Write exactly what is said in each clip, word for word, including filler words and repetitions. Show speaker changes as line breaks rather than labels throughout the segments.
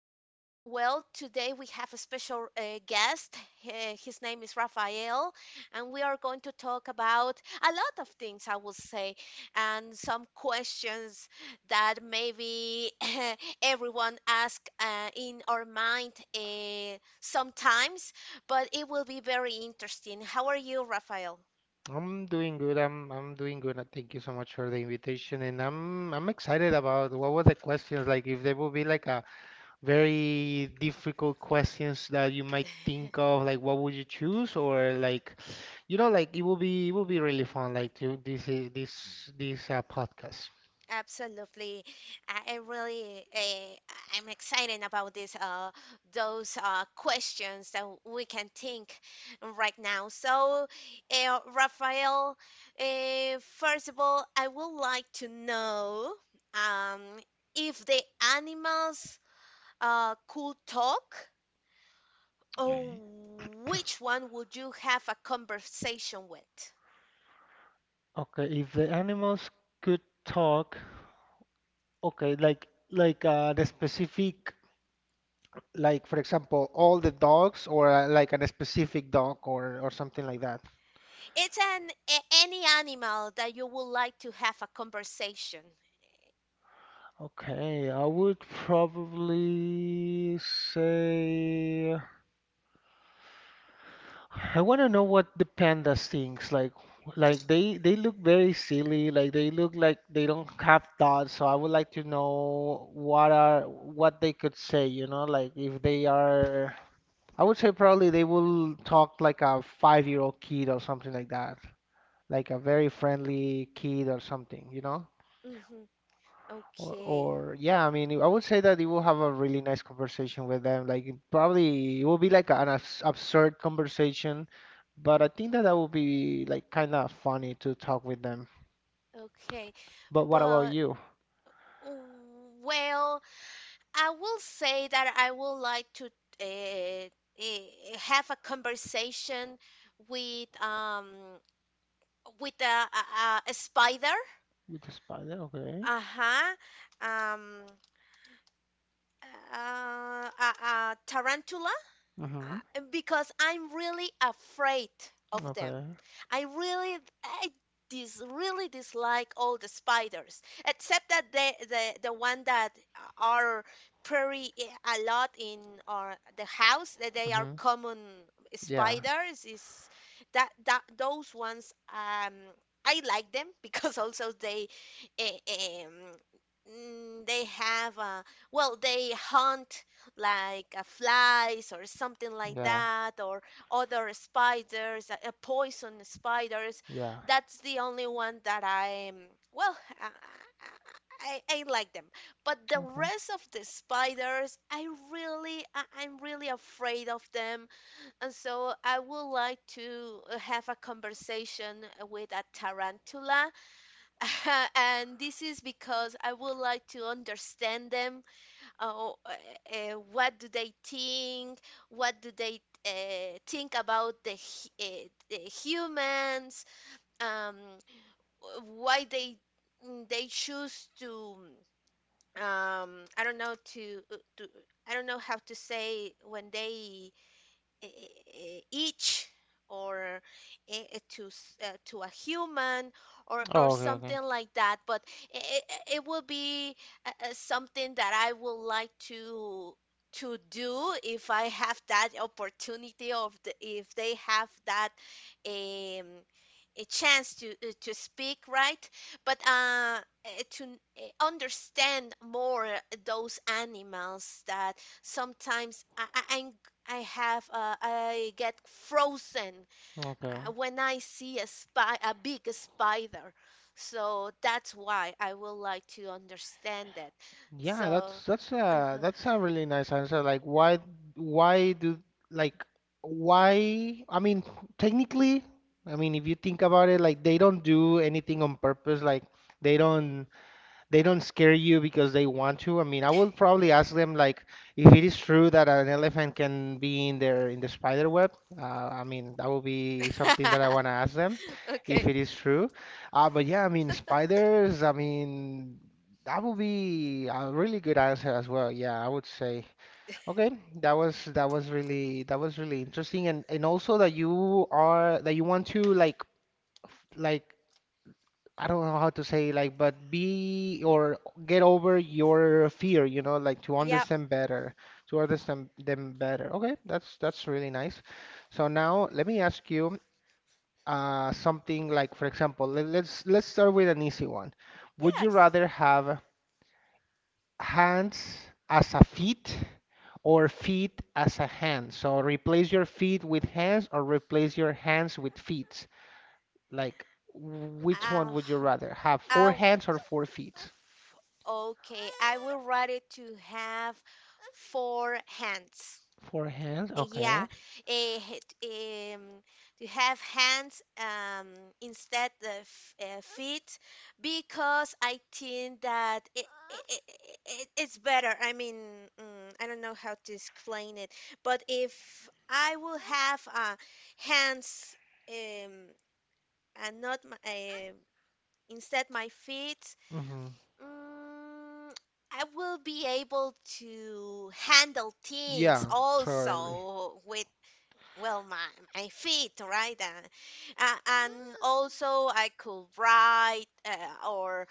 Um, well, today we have a special uh, guest. Uh, his name is Rafael, and we are going to talk about a lot of things, I will say, and some questions that maybe everyone asks uh, in our mind uh, sometimes, but it will be very interesting. How are you, Rafael?
I'm doing good. I'm I'm doing good. And Thank you so much for the invitation, and I'm I'm excited about what were the questions like. If there will be like a very difficult questions that you might think of, like what would you choose, or like, you know, like it will be it will be really fun. Like to this I- this this uh, podcast.
Absolutely. I, I really uh, I'm excited about this uh those uh questions that we can think right now. So, uh, Rafael, uh, first of all, I would like to know um if the animals uh could talk, or
Okay.
which one would you have a conversation with?
Okay, if the animals could talk, okay, like like uh, the specific, like for example, all the dogs, or uh, like a specific dog, or or something like that.
It's an a- any animal that you would like to have a conversation.
Okay, I would probably say I want to know what the pandas thinks. Like, like they they look very silly. Like they look like they don't have thoughts. So I would like to know what are what they could say. You know, like if they are. I would say probably they will talk like a five-year-old kid or something like that. Like a very friendly kid or something. You know.
Mm-hmm.
Or,
Okay,
or Yeah, I mean, I would say that you will have a really nice conversation with them. Like it probably it will be like an abs absurd conversation, but I think that that would be like kind of funny to talk with them.
okay.
But what about
But,
you?
well, I will say that I would like to uh, uh, have a conversation with um with a, a, a spider,
With the spider, okay.
uh-huh, um, uh, a, a tarantula,
Mm-hmm.
uh, because I'm really afraid of them.
Okay.
I really, I dis, really dislike all the spiders, except that the the, the one that are pretty eh, a lot in our the house that they are
Mm-hmm.
common
Yeah.
spiders is that that those ones um I like them because also they eh, um mm, they have uh well they hunt like uh, flies or something like
Yeah.
that, or other spiders, uh, uh, poison spiders.
Yeah.
That's the only one that I'm, well, I, I, I I like them. But the
Okay.
rest of the spiders, I really, I, I'm really afraid of them. And so I would like to uh, have a conversation with a tarantula. And this is because I would like to understand them oh, uh, what do they think? What do they uh, think about the, hu- uh, the humans? Um, wh- why they mm, they choose to um, I don't know to to I don't know how to say when they eh, each or eh, eh, to s- uh, to a human or or
Oh, okay. Okay.
something like that, but it, it will be uh, uh, something that I would like to to do if I have that opportunity of the, if they have that um a chance to uh, to speak right but uh eh, to n- eh, understand more those animals that sometimes I, I- I'm I have uh, I get frozen uh,
Okay.
when I see a spy a big spider. So that's why I would like to understand that. So
Yeah, that's that's a
uh-huh,
that's a really nice answer. Like why why do like why I mean technically I mean if you think about it like they don't do anything on purpose like they
mhm,
don't they don't scare you because they want to. I mean, I will probably
yeah.
ask them like if it is true that an elephant can be in there in the spider web. Uh, I mean, that will be something that I want to ask them if
Okay.
it is true. Uh, but yeah, I mean, spiders, I mean, that would be a really good answer as well. Yeah, I would say. Okay, that was that was really that was really interesting and and also that you are that you want to like f- like I don't know how to say like, but be or get over your fear, you know, like to
Yep.
understand better, to understand them better. Okay, that's that's really nice. So now let me ask you uh, something like, for example, let, let's let's start with an easy one. Would you
Yes.
rather have hands as a feet or feet as a hand? So replace your feet with hands or replace your hands with feet. Like, which one
Uh,
would you rather have, four
uh,
hands or four feet?
okay. I will write it to have four hands.
Forehand,
Yeah,
okay.
eh, het- um, to have hands um, instead of uh, feet because I think that it, it, it, it's better. I mean, mm, I don't know how to explain it, but if I will have uh, hands um, and not my, eh, instead my feet,
hmm
mm, I will be able to handle things
Yeah, totally.
also with well my my feet right and uh, and also I could write uh, or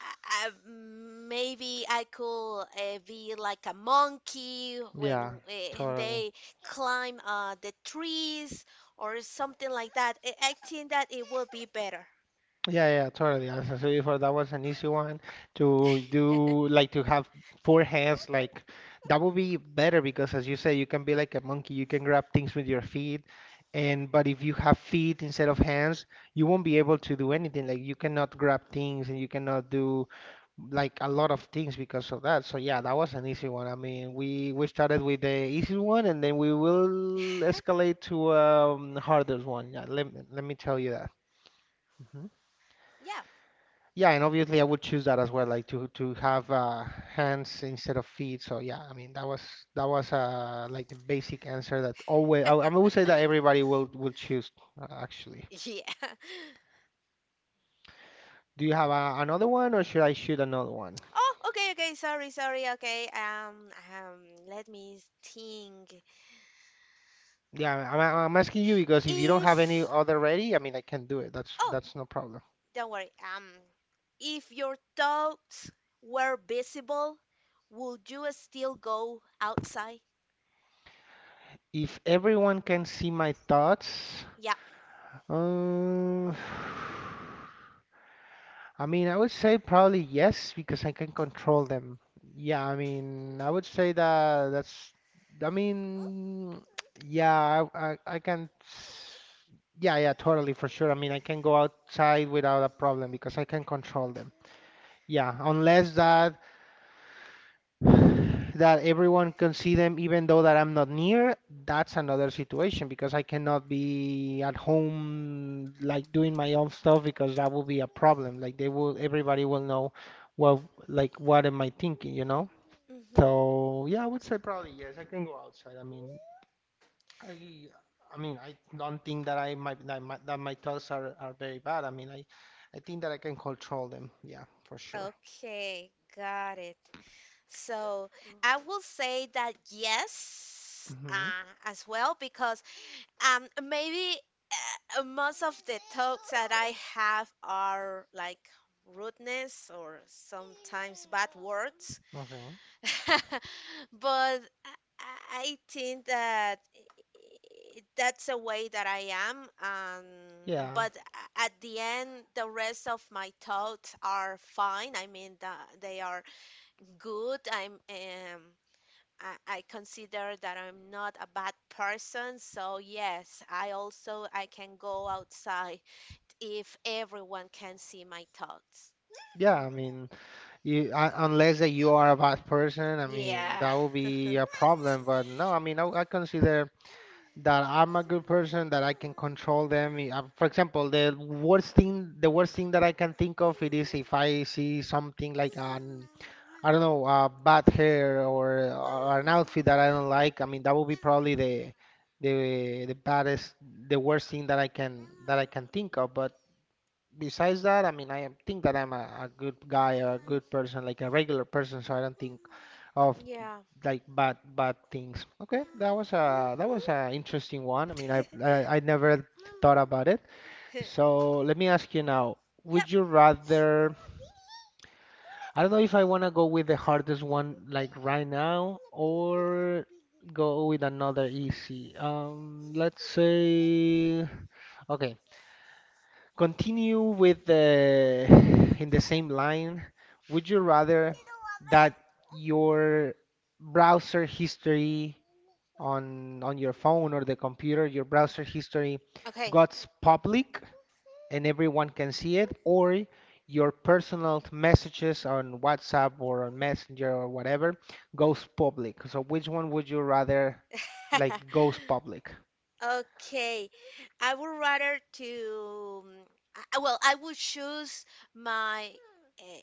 I, I- maybe I could uh, be like a monkey when
Yeah,
uh,
totally.
they climb uh, the trees or something like that i, I think that it will be better.
Yeah, yeah, totally. As I said before, that was an easy one to do, like to have four hands. Like that would be better because, as you say, you can be like a monkey. You can grab things with your feet, and but if you have feet instead of hands, you won't be able to do anything. Like you cannot grab things and you cannot do like a lot of things because of that. So yeah, that was an easy one. I mean, we we started with the easy one and then we will
Yeah,
escalate to um harder one. Yeah, let me- let me tell you that. Mhm. Yeah, and obviously I would choose that as well, like to to have uh, hands instead of feet. So yeah, I mean that was that was uh like the basic answer that always I, I would say that everybody will will choose uh, actually.
yeah.
Do you have uh, another one or should I shoot another one?
Oh, okay, okay. Sorry, sorry. okay um um Let me think.
Yeah, I'm, I'm asking you because if you don't have any
If
other ready, I mean, I can do it. That's
oh.
that's no problem.
Don't worry. Um, if your thoughts were visible, would you still go outside?
If everyone can see my thoughts,
Yeah.
um, I mean, I would say probably yes because I can control them. Yeah, I mean, I would say that that's. I mean, yeah, I I, I can. s- Yeah, yeah, totally for sure. I mean, I can go outside without a problem because I can control them. Yeah, unless that. That everyone can see them even though that I'm not near, that's another situation because I cannot be at home like doing my own stuff because that will be a problem. Like they will, everybody will know what, like what am I thinking, you know?
Hmm.
So yeah, I would say probably yes. I can go outside. I mean, I, I mean, I don't think that I might that my, that my thoughts are, are very bad. I mean, I, I think that I can control them. Yeah, for sure.
Okay, got it. So I will say that yes,
hmm
uh, as well, because um maybe uh, most of the thoughts that I have are like rudeness or sometimes bad words.
Okay.
But I I think that i- that's a way that I am. Um,
Yeah.
but a- at the end, the rest of my thoughts are fine. I mean, the- they are good. I'm um, I, I consider that I'm not a bad person. So yes, I also I can go outside if everyone can see my thoughts.
Yeah. I
Hmm.
mean. You, uh, unless that you are a bad person, I mean,
Yeah.
that would be a problem. But no, I mean, I, I consider that I'm a good person, that I can control them. I- uh, For example, the worst thing, the worst thing that I can think of it is if I see something like an, I don't know, uh, bad hair or, or an outfit that I don't like. I mean, that would be probably the, the, the baddest, the worst thing that I can, that I can think of. But besides that, I mean, I am- think that I'm a, a good guy, a good
Mhm.
person, like a regular person, so I don't think of
Yeah.
like bad bad things. Okay, that was a that was a
Mhm.
interesting one. I mean, I've, I I never thought about it. So let me ask you now,
Yep.
would you rather? I don't know if I want to go with the hardest one like right now or go with another easy. Um, let's say, okay. Continue with the in the same line. Would you rather that your browser history on on your phone or the computer, your browser history
Okay.
got public and everyone can see it, or your personal messages on WhatsApp or on Messenger or whatever goes public? So which one would you rather like goes public?
Okay. I would rather to um, I, I- well, I would choose my uh,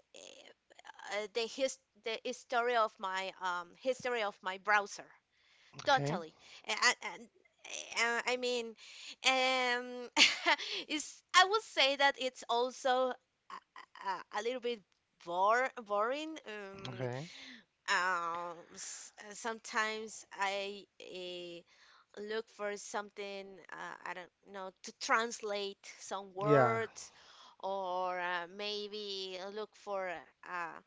uh, the his the history of my um history of my browser.
Okay,
Totally. And, and eh, uh, I mean, um, it's I would say that it's also a, a, a little bit bore, boring. Um,
okay.
Um, s- uh, sometimes I uh, look for something, uh, I don't know, to translate some
Yeah.
words, or uh, maybe look for uh,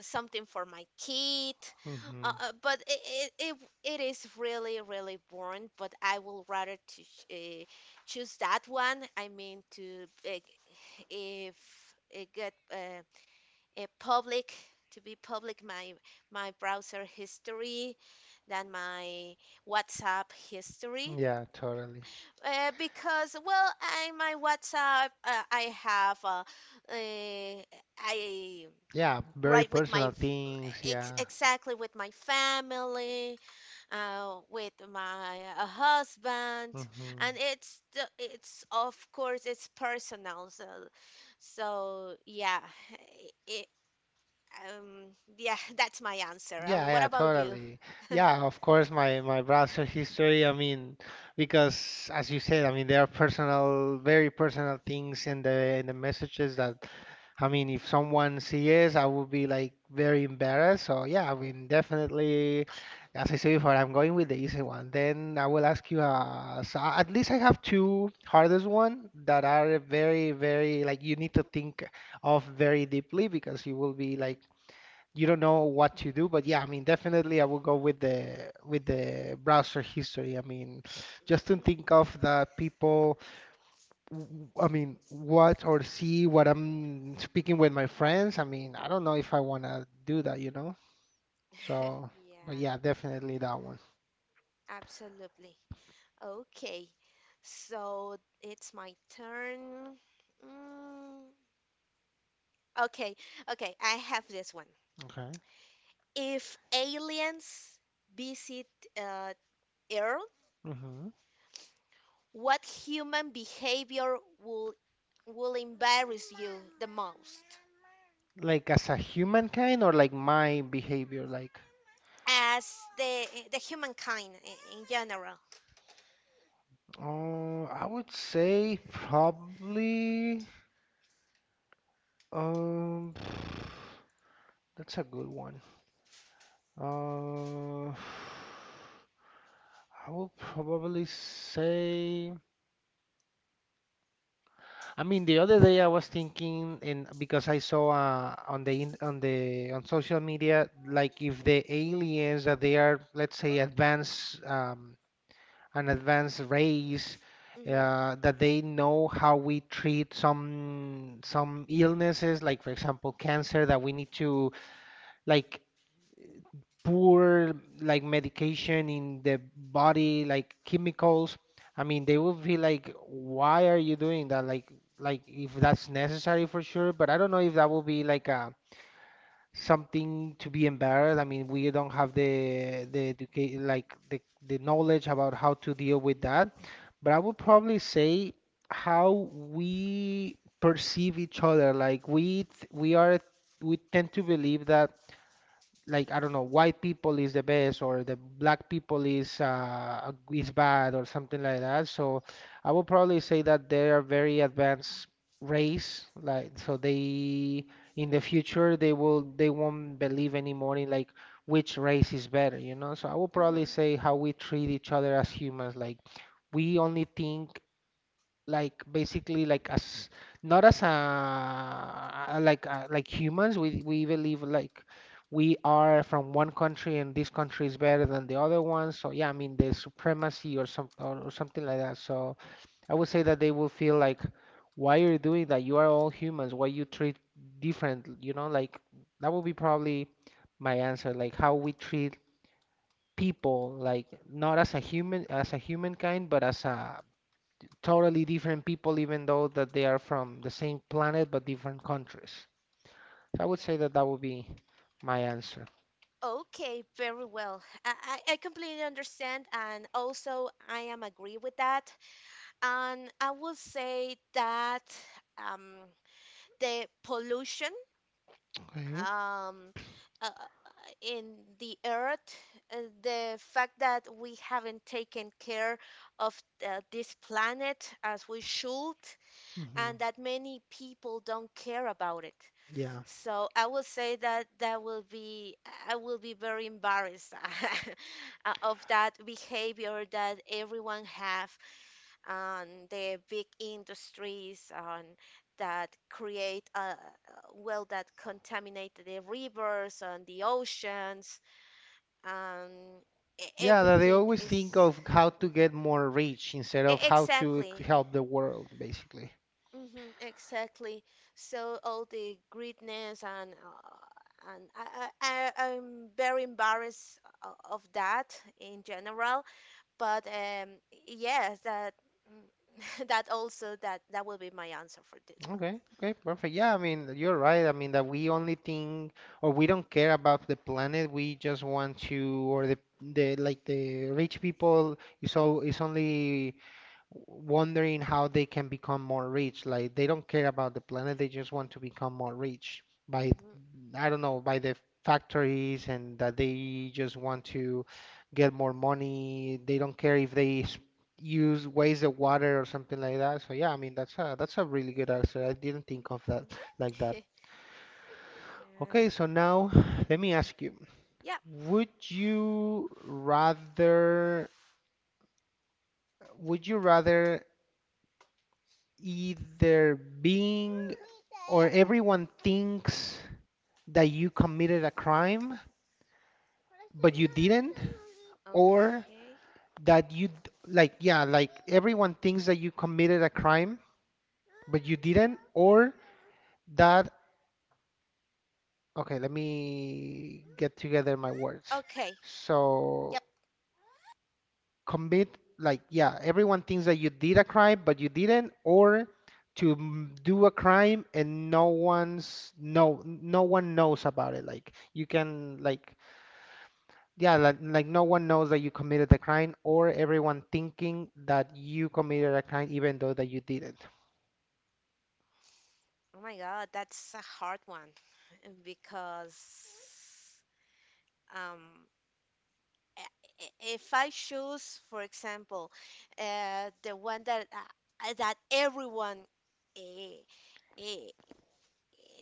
something for my kid.
hmm
Uh, uh, but it, it, it, it is really, really boring, but I will rather to ch- uh, choose that one. I mean, to uh, if it get. Uh, a public to be public my my browser history than my WhatsApp history
Yeah, totally.
uh, because well I my WhatsApp uh, I have uh, uh, I
Yeah, very
write with my
personal things.
ex-
Yeah.
exactly with my family uh, with my uh, husband
hmm
and it's the- it's of course it's personal so so yeah it. Um, yeah, that's my answer.
Yeah,
And what
yeah,
about you?
totally. Yeah, of course, my my browser history. I mean, because as you said, I mean, there are personal, very personal things in the in the messages that I mean, if someone sees, I would be like very embarrassed. So yeah, I mean, definitely, as I said before, I'm going with the easy one. Then I will ask you, uh, so uh, at least I have two hardest one that are very, very like you need to think of very deeply because you will be like you don't know what to do. But yeah, I mean, definitely I will go with the with the browser history. I mean, just to
Mhm.
think of the people w- I mean, watch or see what I'm speaking with my friends. I mean, I don't know if I want to do that, you know? So, but
Yeah,
yeah, definitely that one.
absolutely. Okay, so it's my turn. Mm, okay, okay, I have this one.
Okay.
If aliens visit uh, Earth,
hmm
what human behavior will will embarrass you the most?
Like as a humankind or like my behavior, like,
As the the humankind in, in general.
uh, I would say probably, um, that's a good one. Uh, I would probably say. I mean, the other day I was thinking, and because I saw uh, on the in, on the on social media, like if the aliens that they are, let's say, advanced um, an advanced race, uh, that they know how we treat some some illnesses, like for example, cancer, that we need to like poor like medication in the body, like chemicals. I mean, they will feel like, why are you doing that? Like, like if that's necessary for sure, but I don't know if that will be like a something to be embarrassed. I mean, we don't have the the educate like the the knowledge about how to deal with that. But I would probably say how we perceive each other. Like we th- we are we tend to believe that like I don't know, white people is the best or the black people is uh, is bad or something like that. So I would probably say that they are very advanced race, like so they in the future they will they won't believe anymore in like which race is better, you know. So I would probably
Hmm.
say how we treat each other as humans, like we only think like basically like as not as a like uh like humans we we believe like we are from one country and this country is better than the other one. So yeah, I mean, the supremacy or some or, or something like that. So I would say that they will feel like, why are you doing that? You are all humans. Why you treat different, you know, like that would be probably my answer. Like how we treat people, like not as a human as a humankind, but as a totally different people, even though that they are from the same planet but different countries. So I would say that that would be my answer.
Okay, very well. I, I I completely understand, and also I am agree with that. And I will say that um, the pollution
Okay.
um, uh, in the earth, uh, the fact that we haven't taken care of uh, this planet as we should,
hmm
and that many people don't care about it.
Yeah.
So I will say that that will be I will be very embarrassed uh, of that behavior that everyone have on the big industries on that create uh, well that contaminate the rivers and the oceans and e-
Yeah, that they
everything
always think
is
of how to
Mhm.
get more rich instead
E-
of how to
exactly.
help the world, basically.
Mm-hmm, exactly. So all the greatness and uh, and I, I I- I'm very embarrassed o- of that in general. But um, yes, that mm, that also that that will be my answer for this
Okay, okay, perfect. Yeah, I mean, you're right. I mean, that we only think or we don't care about the planet. We just want to, or the the like the rich people is all is only wondering how they can become more rich. Like they don't care about the planet, they just want to become more rich
one.
by,
Mm-hmm.
I don't know, by the factories, and that they just want to get more money. They don't care if they s- use waste the water or something like that. So yeah, I mean that's a that's a really good answer. I didn't think of that like that.
Hmm.
Okay, so now let me ask you,
Yeah. Yep.
would you rather would you rather either being or everyone thinks that you committed a crime but you didn't, or
Okay.
that you d- like yeah like everyone thinks that you committed a crime but you didn't, or that okay let me get together my words
Okay.
so
Yep.
commit like yeah everyone thinks that you did a crime but you didn't, or to m- do a crime and no one's no no one knows about it, like you can like yeah, like, like no one knows that you committed the crime, or everyone thinking that you committed a crime, even though that you didn't.
Oh my God, that's a hard one because um i- if I choose, for example, uh, the one that uh, that everyone eh, eh,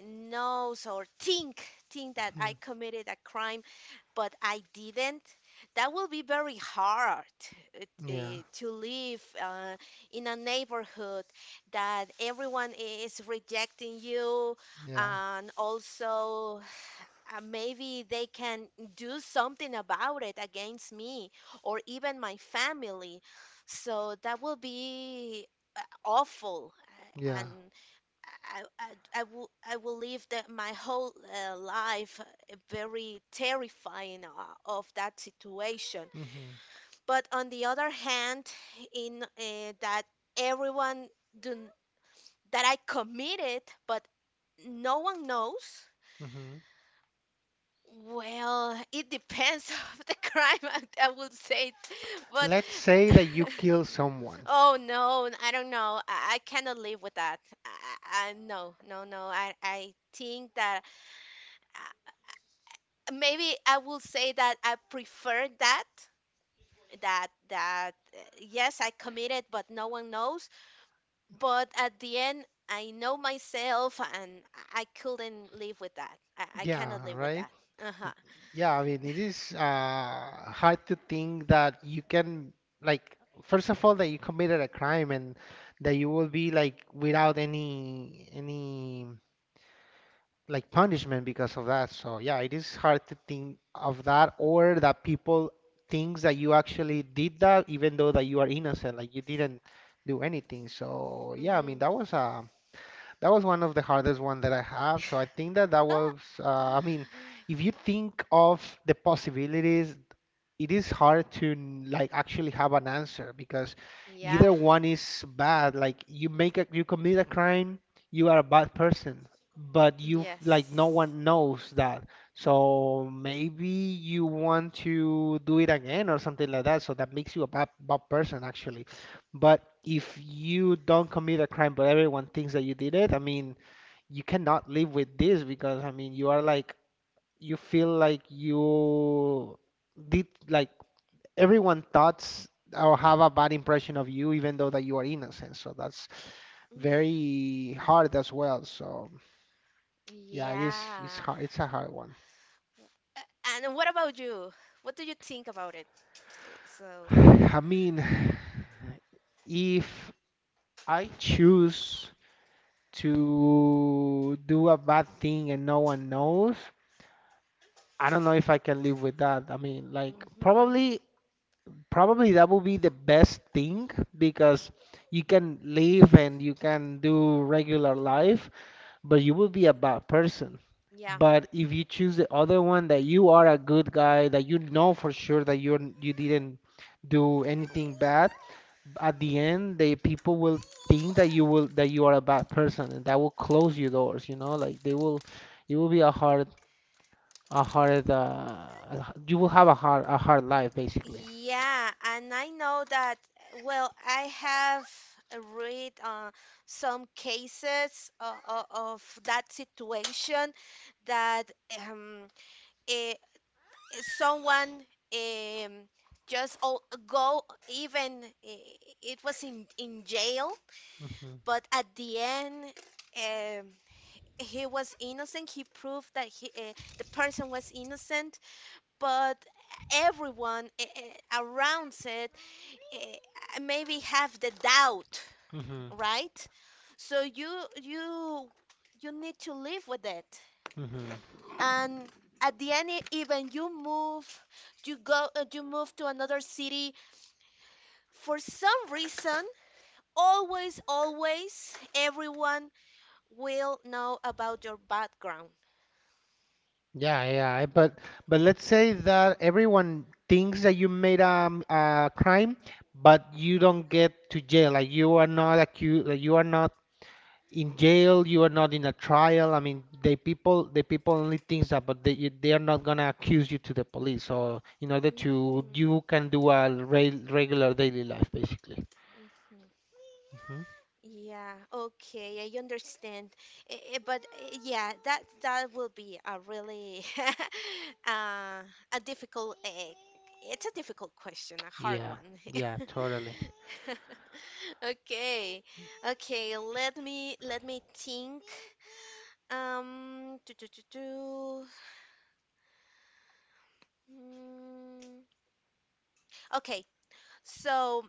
knows or think think that I
Mhm.
committed a crime, but I didn't, that will be very hard uh,
Yeah,
t- uh, to live uh, in a neighborhood that everyone is rejecting you,
yeah,
and also uh, maybe they can do something about it against me or even my family. So that will be uh, awful. uh,
yeah.
And I, I, I will, I will live the, my whole uh, life uh, very terrifying uh, of that situation.
hmm
But on the other hand, in uh, that everyone do, that I committed, but no one knows.
hmm
Well, it depends of the crime, I, I would say, but
Let's say that you kill someone.
oh no, I don't know. I, I cannot live with that. I, I, no, no, no. I, I think that uh, maybe I will say that I prefer that. That that uh, yes, I committed, but no one knows. But at the end, I know myself, and I I couldn't live with that. I, I cannot
Yeah,
live with
right?
that. Uh huh.
Yeah, I mean, it is uh, hard to think that you can, like, first of all, that you committed a crime and that you will be like without any any like punishment because of that. So yeah, it is hard to think of that, or that people thinks that you actually did that even though that you are innocent, like you didn't do anything. So yeah, I mean
Hmm.
that was a that was one of the hardest one that I have. So I think that that was, uh, I mean, if you think of the possibilities, it is hard to n- like actually have an answer because
Yeah.
either one is bad. Like you make a, you commit a crime, you are a bad person, but you f- like no
Yes.
one knows that. So maybe you want to do it again or something like that. So that makes you a bad, bad person actually. But if you don't commit a crime, but everyone thinks that you did it, I mean, you cannot live with this because, I mean, you are like, you feel like you did, like, everyone thoughts or have a bad impression of you, even though that you are innocent. So that's
Mm.
very hard as well. So yeah, it is, it's
Yeah.
hard, it's a hard one.
A- And what about you? What do you think about it? So,
I mean, if I choose to do a bad thing and no one knows, I don't know if I can live with that. I mean, like
hmm,
probably probably that would be the best thing because you can live and you can do regular life, but you will be a bad person.
yeah.
But if you choose the other one that you are a good guy, that you know for sure that you're you didn't do anything bad, at the end the people will think that you will that you are a bad person, and that will close your doors, you know, like they will it will be a hard a hard uh, you will have a hard a hard life basically.
Yeah, and I know that, well, I have read uh, some cases uh, uh, of that situation that um, eh, someone um, just o- go even eh, it was in, in jail.
Mhm,
But at the end, um, he was innocent. He proved that he, uh, the person was innocent. But everyone uh, uh, around it uh, maybe have the doubt,
mhm,
right? So you you you need to live with it.
mhm.
And at the end, e- even you move, you go, uh, you move to another city. For some reason, always, always, everyone will know about your background.
Yeah, yeah. I- But but let's say that everyone thinks that you made um, a crime, but you don't get to jail. Like you are not accused. Like you are not in jail. You are not in a trial. I mean, the people the people only thinks that, but they you- they are not gonna accuse you to the police. So in order
Hmm.
to you can do a re regular daily life basically.
Hmm.
Mhm.
Yeah, okay, I understand. Eh, eh, But eh, yeah, that that will be a really uh, a difficult eh, eh, it's a difficult question, a hard
Yeah,
one.
yeah, totally.
Okay. Okay, let me let me think. Um, do, do, do, do. Mm. Okay, so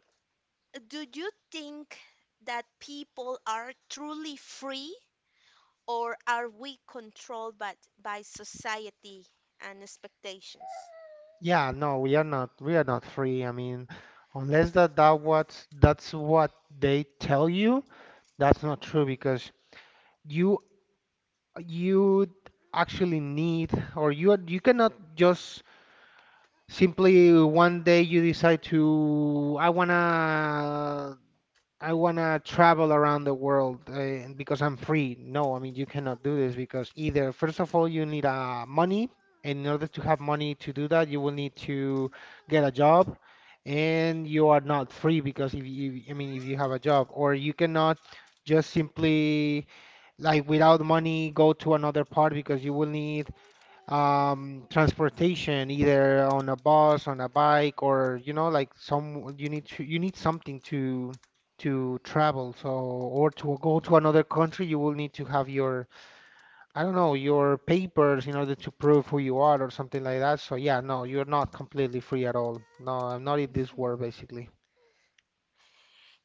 do you think that people are truly free, or are we controlled by, by society and expectations?
Yeah, no, we are not we are not free. I mean, unless that that what that's what they tell you, that's not true because you you actually need, or you you cannot just simply one day you decide to I wanna I wanna travel around the world, uh, and because I'm free. No, I mean you cannot do this because either first of all you need uh, money, and in order to have money to do that, you will need to get a job, and you are not free because if you, I mean, if you have a job, or you cannot just simply like without money go to another part because you will need um, transportation, either on a bus, on a bike, or you know, like some you need to you need something to to travel. So or to go to another country, you will need to have your I don't know your papers in order to prove who you are or something like that. So yeah, no, you're not completely free at all. No, I'm not in this
Mhm.
world basically.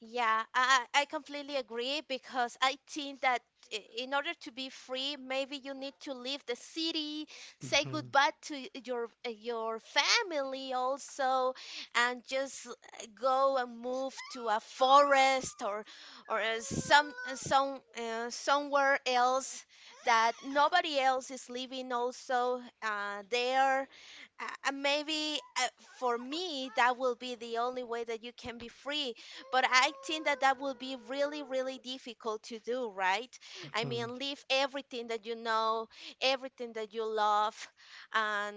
Yeah, I, I I completely agree because I think that i- in order to be free, maybe you need to leave the city, say
hmm
goodbye to y- your uh, your family also, and just uh, go and move to a forest or or uh, some uh, some uh, somewhere else that nobody else is living also uh, there. Uh, uh, maybe uh, for me that will be the only way that you can be free, but I think that that will be really, really difficult to do, right? I
hmm
mean, leave everything that you know, everything that you love, and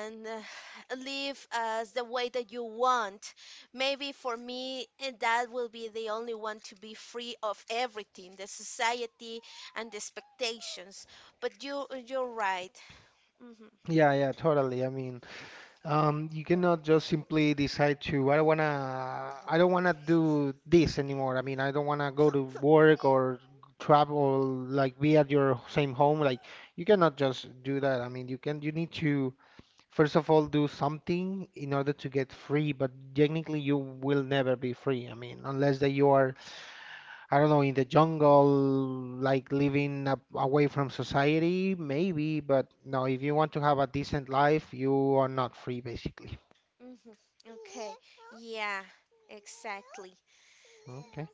and uh, live as the way that you want. Maybe for me, eh, that will be the only one to be free of everything, the society and the expectations. But you, you're right. Hmm.
Yeah, yeah, totally. I mean, Um, you cannot just simply decide to, I don't wanna, I don't wanna do this anymore. I mean, I don't wanna go to work or travel, like be at your same home. Like, you cannot just do that. I mean, you can, you need to, first of all, do something in order to get free, but technically you will never be free. I mean, unless that you are, I don't know, in the jungle, like living a- away from society, maybe, but no, if you want to have a decent life, you are not free, basically.
Hmm. Okay. Yeah. Exactly.
Okay.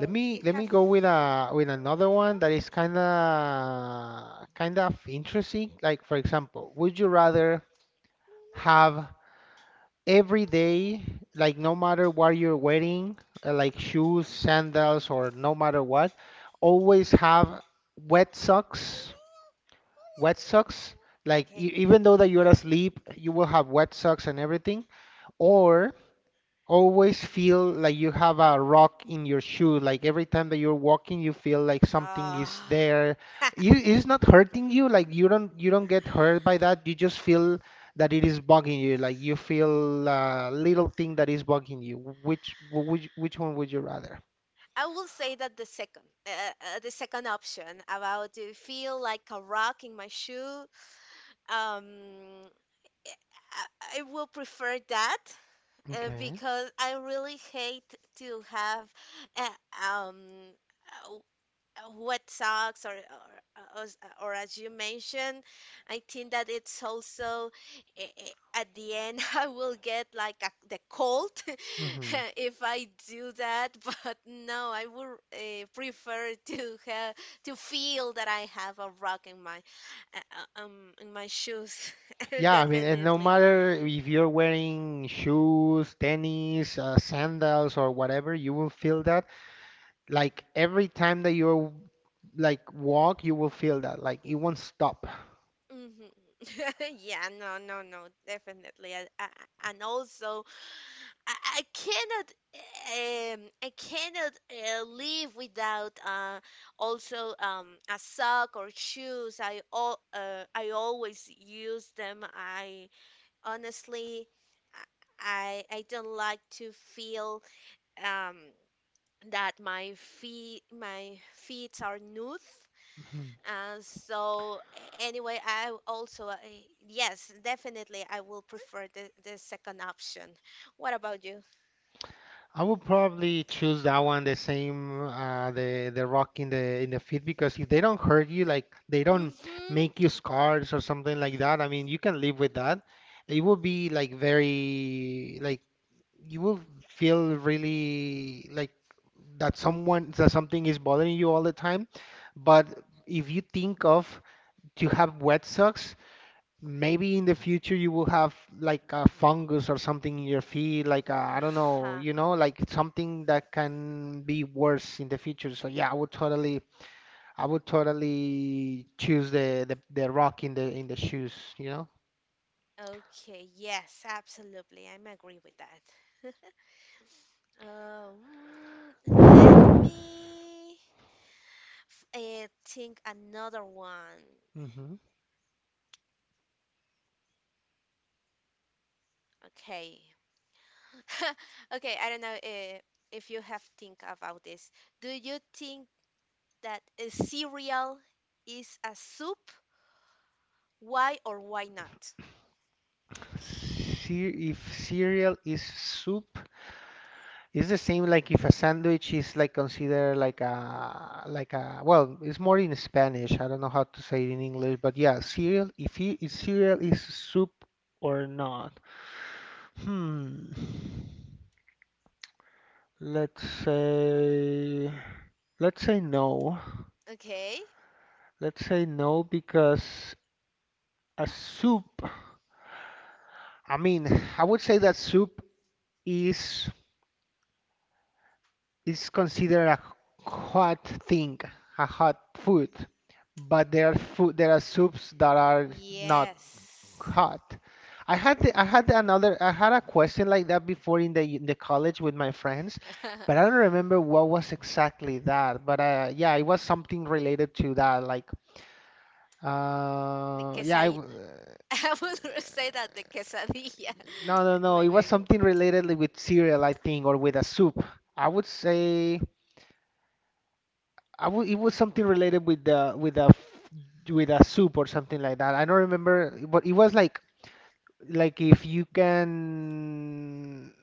Let
do
me
you
let me
have?
go with a with another one that is kind of kind of interesting. Like for example, would you rather have every day, like no matter what you're wearing, uh, like shoes, sandals, or no matter what, always have wet socks, wet socks, like e
Okay.
even though that you're asleep, you will have wet socks and everything, or always feel like you have a rock in your shoe. Like every time that you're walking, you feel like something is
Ah.
there. You, it's not hurting you. Like you don't you don't get hurt by that. You just feel that it is bugging you. Like you feel a little thing that is bugging you. Which which which one would you rather?
I will say that the second, uh, uh, the second option about to feel like a rock in my shoe. Um, eh, I, I will prefer that uh,
Okay.
because I really hate to have, uh, um, uh, what sucks, or, or or as- uh, or as you mentioned. I think that it's also, eh, eh, at the end I will get like a, the cold
hmm
if I do that. But no, I would uh, prefer to have to feel that I have a rock in my uh, uh, um in my shoes.
Yeah, I mean, and no
Definitely.
matter if you're wearing shoes, tennis, uh, sandals, or whatever, you will feel that. Like every time that you're like walk, you will feel that. Like it won't stop.
Mhm. Yeah, no, no, no, definitely. I, I, and also, I, I cannot, um, I cannot uh, live without uh, also um, a sock or shoes. I all, uh, I always use them. I honestly, I, I don't like to feel um that my feet, my feet are nude.
Mhm.
Uh, so anyway, I also uh, yes, definitely I will prefer the the second option. What about you?
I would probably choose that one, the same, uh, the the rock in the in the feet, because if they don't hurt you, like they don't
Mm-hmm.
make you scars or something like that. I mean, you can live with that. It will be like very like you will feel really like that someone that something is bothering you all the time. But if you think of to have wet socks, maybe in the future you will have like a fungus or something in your feet, like I I don't know,
Uh-huh.
you know, like something that can be worse in the future. So yeah, I would totally, I would totally choose the the, the rock in the in the shoes, you know.
Okay, yes, absolutely. I'm agree with that. Um, Let me uh, think another one.
hmm
Okay. Okay, I don't know uh, if you have think about this. Do you think that a cereal is a soup? Why or why not?
if cereal is soup, it's the same like if a sandwich is like considered like a like a well, it's more in Spanish. I don't know how to say it in English, but yeah, cereal. If it, if cereal is soup or not? Hmm. Let's say let's say no.
Okay.
Let's say no because a soup. I mean, I would say that soup is it's considered a hot thing, a hot food, but there are food, there are soups that are not
Yes.
hot. I had the, I had
Mhm.
another I had a question like that before in the in the college with my friends, but I don't remember what was exactly that. But uh, yeah, it was something related to that. Like
The
uh, yeah, I
quesadilla.
w
I will say that the quesadilla.
no no no, it
Maybe
was
I will.
something related with cereal, I think, or with a soup. I would say. I w it was something related with the with a f- with a soup or something like that. I don't remember, but it was like like if you can.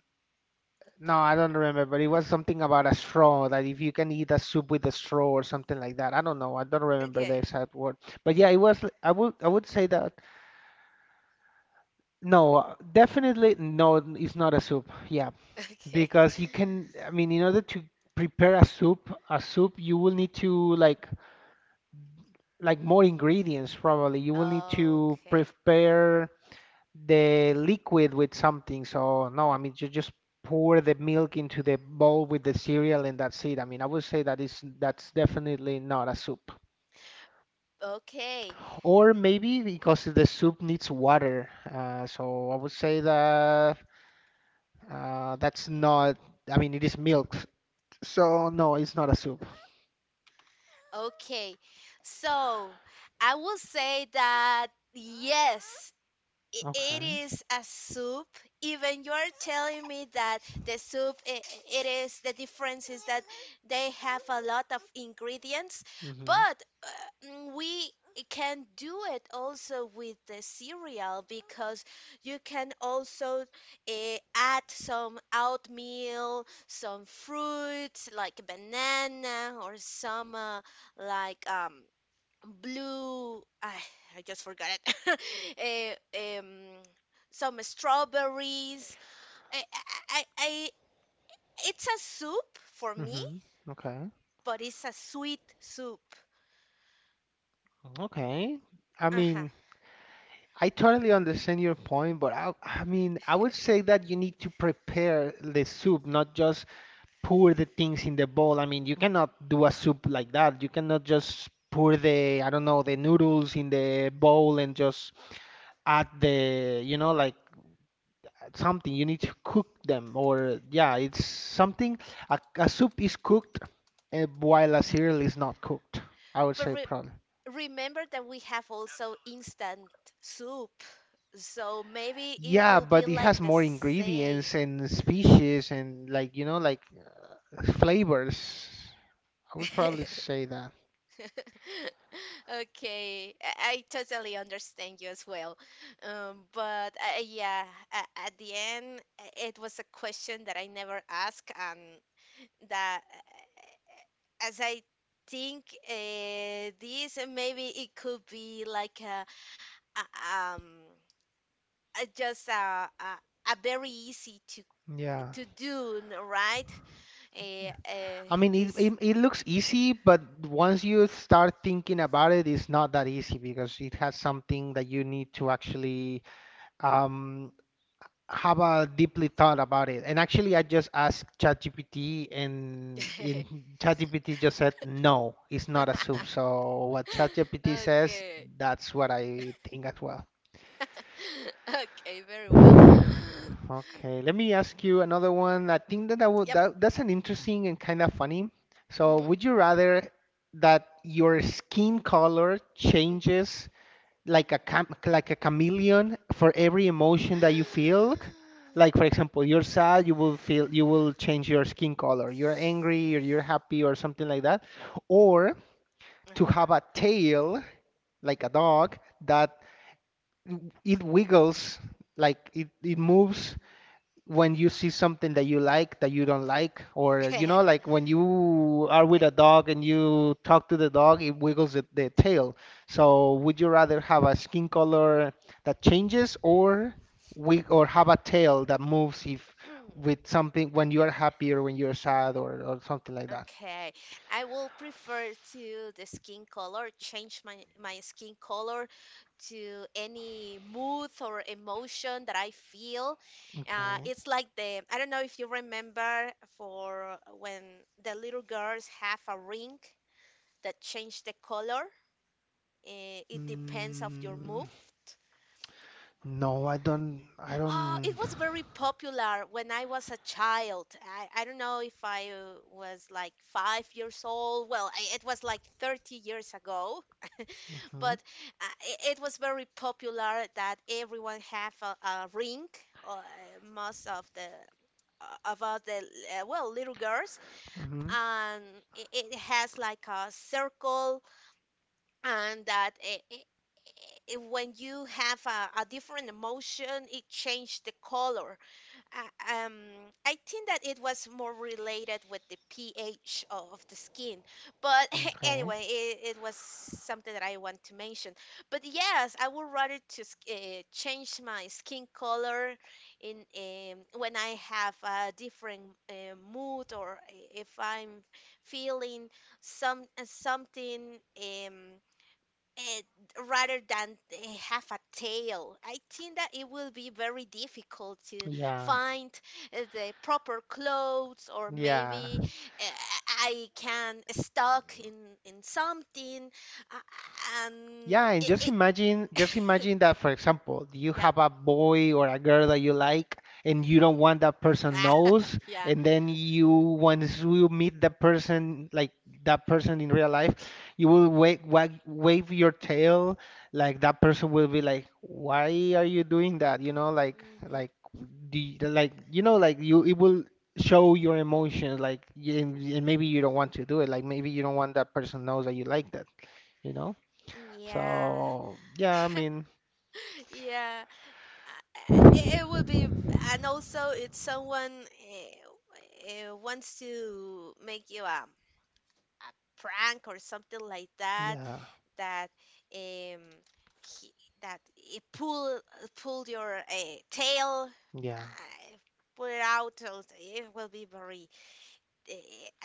No, I don't remember, but it was something about a straw that if you can eat a soup with a straw or something like that. I don't know. I don't remember the
Okay.
exact word, but yeah, it was. l- I would I would say that no, uh, definitely no, it's not a soup. Yeah,
Okay.
because you can. I mean, in order to prepare a soup, a soup you will need to like like more ingredients probably. You will need to
Okay.
prepare the liquid with something. So no, I mean you just pour the milk into the bowl with the cereal and that's it. I mean, I would say that is that's definitely not a soup.
Okay.
Or maybe because the soup needs water. Uh, so I would say that uh, that's not. I mean, it is milk. So no, it's not a soup.
Okay. So I will say that yes, i- it
Okay.
is a soup. Even you're telling me that the soup I it is the difference is that they have a lot of ingredients,
Mm-hmm.
but uh, mm, we can do it also with the cereal because you can also uh, add some oatmeal, some fruits like banana or some uh, like um blue I, I just forgot it. Eh, um, some strawberries. I, I, I, I It's a soup for me,
Mm-hmm. Okay.
but it's a sweet soup.
Okay. I
Uh-huh.
mean. I totally understand your point, but I, I mean, I would say that you need to prepare the soup, not just pour the things in the bowl. I mean, you cannot do a soup like that. You cannot just pour the, I don't know, the noodles in the bowl and just add the, you know, like something. You need to cook them, or yeah, it's something. A, a soup is cooked uh, while a cereal is not cooked. I would
but
say
re-
probably.
Remember that we have also instant soup, so maybe it
Yeah,
will be
but it
like
has
the
more
same.
ingredients and species and like you know like flavors. I would probably say that.
Okay, I, I totally understand you as well. Um, but uh, Yeah, a- at the end, uh, it was a question that I never asked, and that uh, as I think uh, this, uh, maybe it could be like a, a um a, just a, a a very easy to
Yeah.
to do, n- right? Uh,
Yeah.
uh,
I mean, it,
this.
it it looks easy, but once you start thinking about it, it's not that easy because it has something that you need to actually um have a deeply thought about it. And actually, I just asked ChatGPT, and in ChatGPT just said no, it's not a soup. So what ChatGPT says,
Okay.
that's what I think as well.
Okay, very well.
Okay, let me ask you another one. I think that, that, would,
Yep.
that that's an interesting and kind of funny. So,
Mm-hmm.
would you rather that your skin color
Mm.
changes like a cam like a chameleon for every emotion that you feel? Like, for example, you're sad, you will feel you will change your skin color. You're angry or you're happy or something like that. Or to
Uh-huh.
have a tail like a dog that it wiggles, like it, it moves when you see something that you like that you don't like or you know like when you are with
Okay.
a dog and you talk to the dog it wiggles the, the tail. So would you rather have a skin color that changes, or wig or have a tail that moves if with something when you are happy or when you're sad or, or something like that?
Okay. I will prefer to the skin color, change my my skin color to any mood or emotion that I feel. Uh,
Okay.
it's like the I don't know if you remember for when the little girls have a ring that change the color. Eh, it depends of your
mm,
mood.
no, i don't i
Oh, it
don't
was very popular when I was a child. I, I don't know if I uh, was like five years old. Well, I, it was like thirty years ago,
Hmm.
but uh, it, it was very popular that everyone have a, a ring, uh, most of the uh, about the uh, well little girls,
Hmm.
and it, it has like a circle, and that it, it, it- when you have a, a different emotion, it changed the color. I- um, I think that it was more related with the pH of the skin. But
Okay.
anyway, it, it was something that I want to mention. But yes, I would rather to uh, change my skin color in um, when I have a different uh, mood or eh, if I'm feeling some something. Um, it, Rather than they have a tail. I think that it will be very difficult to
Yeah,
find uh, the proper clothes, or
yeah.
maybe uh, I can stuck in in something, uh, and
Yeah, and
it,
just
it
imagine, just imagine that, for example, you
yeah.
have a boy or a girl that you like, and you
Hmm.
don't want that person knows,
Yeah.
and then you once you meet the person, like that person in real life, you will wave, wag wave your tail, like that person will be like, "Why are you doing that?" You know, like
Hmm.
like do you- like you know, like you it will show your emotions, like y- and, and maybe you don't want to do it, like maybe you don't want that person knows that you like that, you know?
Yeah.
So yeah, I mean,
Yeah. Uh, It, it would be, and also it's someone uh, uh, wants to make you a a prank or something like that,
yeah,
that um he, that it pull pulled your uh, tail,
yeah,
uh, put it out, so it will be very uh,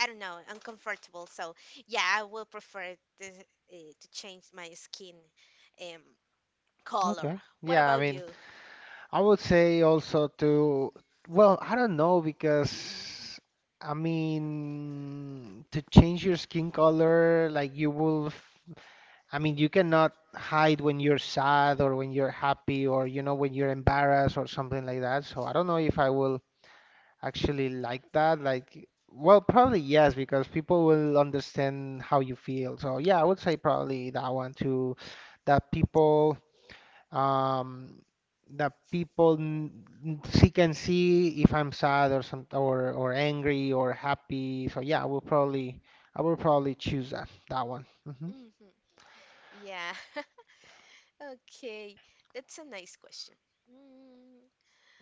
I don't know, uncomfortable. So yeah, I will prefer to, uh, to change my skin um color.
okay,
What
yeah. I
about
mean,
you?
I would say also to, well, I don't know because I mean, to change your skin color, like you will, f- I mean, you cannot hide when you're sad or when you're happy or you know when you're embarrassed or something like that. So I don't know if I will actually like that? Like, well, probably yes, because people will understand how you feel. So yeah, I would say probably that one too, that people um that people n- n- see can see if I'm sad or some or or angry or happy. So yeah, I will probably I will probably choose that that one. Mm-hmm.
Hmm. Yeah. Okay, that's a nice question.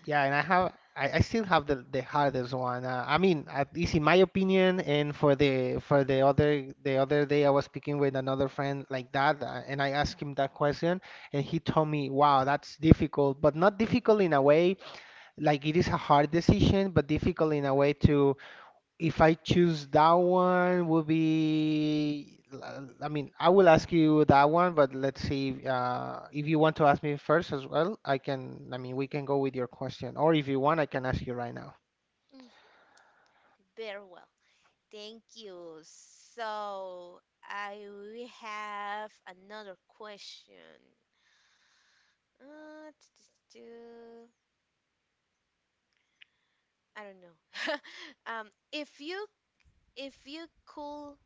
Yeah, and I have I, I still have the the hardest one. Uh, I mean, at least in my opinion, and for the for the other the other day I was speaking with another friend like that, uh, and I asked him that question, and he told me, "Wow, that's difficult, but not difficult in a way like it is a hard decision, but difficult in a way to if I choose that one, would be. uh, I mean, I will ask you that one, but let's see. Uh, if you want to ask me first as well, I can. I mean, we can go with your question, or if you want, I can ask you right now."
Mhm. Very well. Thank you. So I we have another question. Uh, t- t- t- I don't know. Um, if you if you could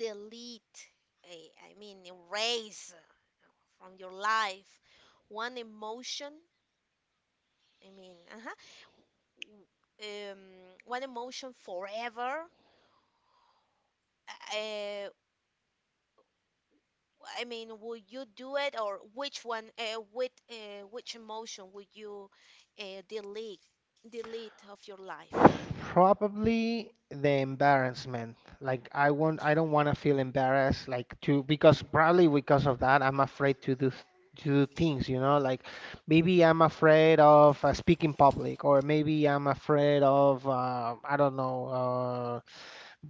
delete, I, I mean erase from your life one emotion, I mean, uh-huh, w- um, one emotion forever, uh, I mean, would you do it, or which one, uh, with uh, which emotion would you uh, delete delete of your life?
Probably the embarrassment. Like I won't, I don't want to feel embarrassed. Like to because probably because of that, I'm afraid to do th- to do things. You know, like maybe I'm afraid of uh, speaking public, or maybe I'm afraid of uh, I don't know, uh,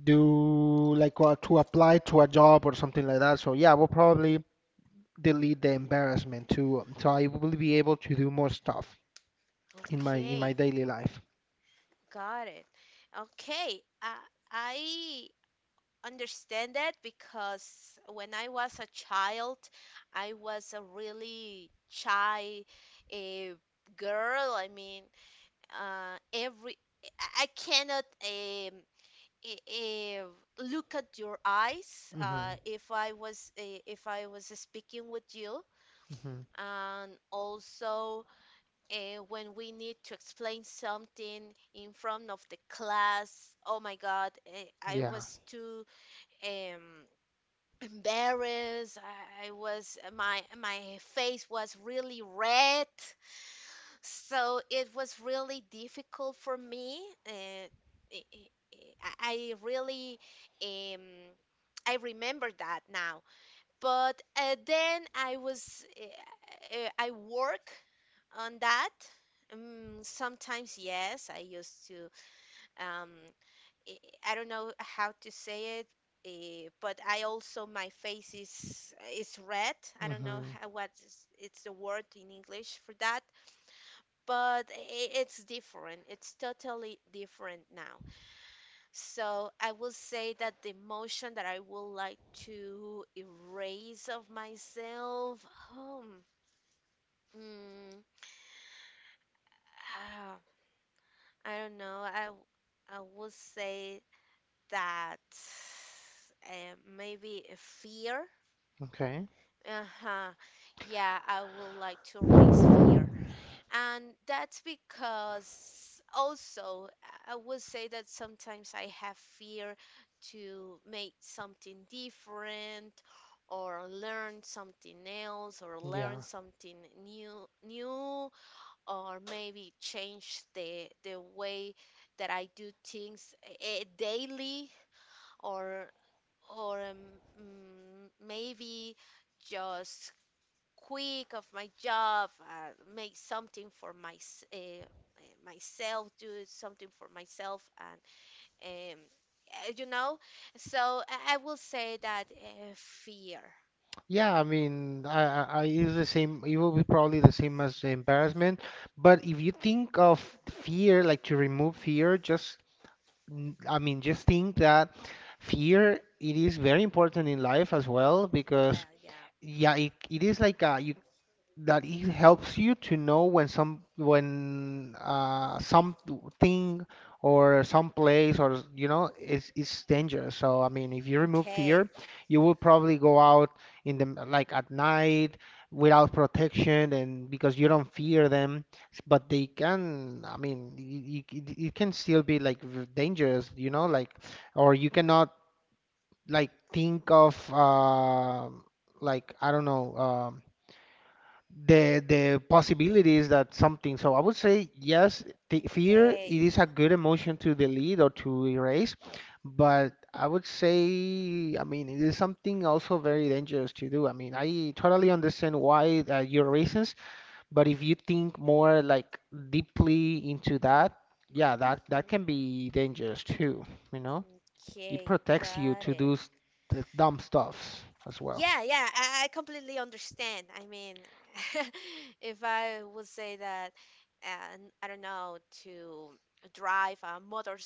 do like uh, to apply to a job or something like that. So yeah, we will probably delete the embarrassment too, so I will be able to do more stuff in my in my
Okay,
daily life.
got it. Okay, I I understand that because when I was a child, I was a really shy uh, girl. I mean, uh, every I I cannot. Um, i- if look at your eyes uh,
Hmm.
if i was eh, if I was speaking with you,
Hmm.
and also uh, when we need to explain something in front of the class, oh my god, eh, I
Yeah.
was too um embarrassed. i I was, my my face was really red, so it was really difficult for me. Uh, I I- I really, um, I remember that now. But uh, then I was, uh, uh, I work on that. Um, sometimes yes, I used to. Um, I I don't know how to say it. Uh, but I also my face is is red. I don't know
Hmm.
how, what is, it's the word in English for that, but i- it's different. It's totally different now. So I will say that the emotion that I would like to erase of myself, um, mm, ah, I don't know. I w- I would say that uh, maybe a fear.
Okay.
Uh-huh. Yeah, I would like to raise fear, and that's because also I would say that sometimes I have fear to make something different or learn something else or learn
Yeah.
something new new, or maybe change the the way that I do things, eh, daily, or or um, mm, maybe just quick of my job, uh, make something for my, uh, uh, myself, do something for myself, and um, uh, you know. So I, I will say that uh, fear.
Yeah, I mean, I, I I use the same, it will be probably the same as the embarrassment. But if you think of fear, like to remove fear, just, n- I mean, just think that fear, it, is very important in life as well because,
Well, yeah.
yeah, it, it is like a, you that it helps you to know when some when uh, something or some place or you know it's it's dangerous. So I mean, if you remove
Okay.
fear, you will probably go out in the m- like at night without protection and because you don't fear them. s- But they can, I mean, y- y- it, it can still be like v- dangerous, you know, like or you cannot like think of uh, like I don't know. Um, the the possibilities that something, so I would say yes, the fear it
Okay.
is a good emotion to delete or to erase, but I would say I mean it is something also very dangerous to do. I mean, I totally understand why uh, your reasons, but if you think more like deeply into that, yeah, that that
Hmm.
can be dangerous too, you know. It
Okay.
protects you
Got
to do
it.
s- the dumb stuffs as well.
Yeah, yeah, I, I completely understand. I mean, if I would say that, and I don't know, to drive a motor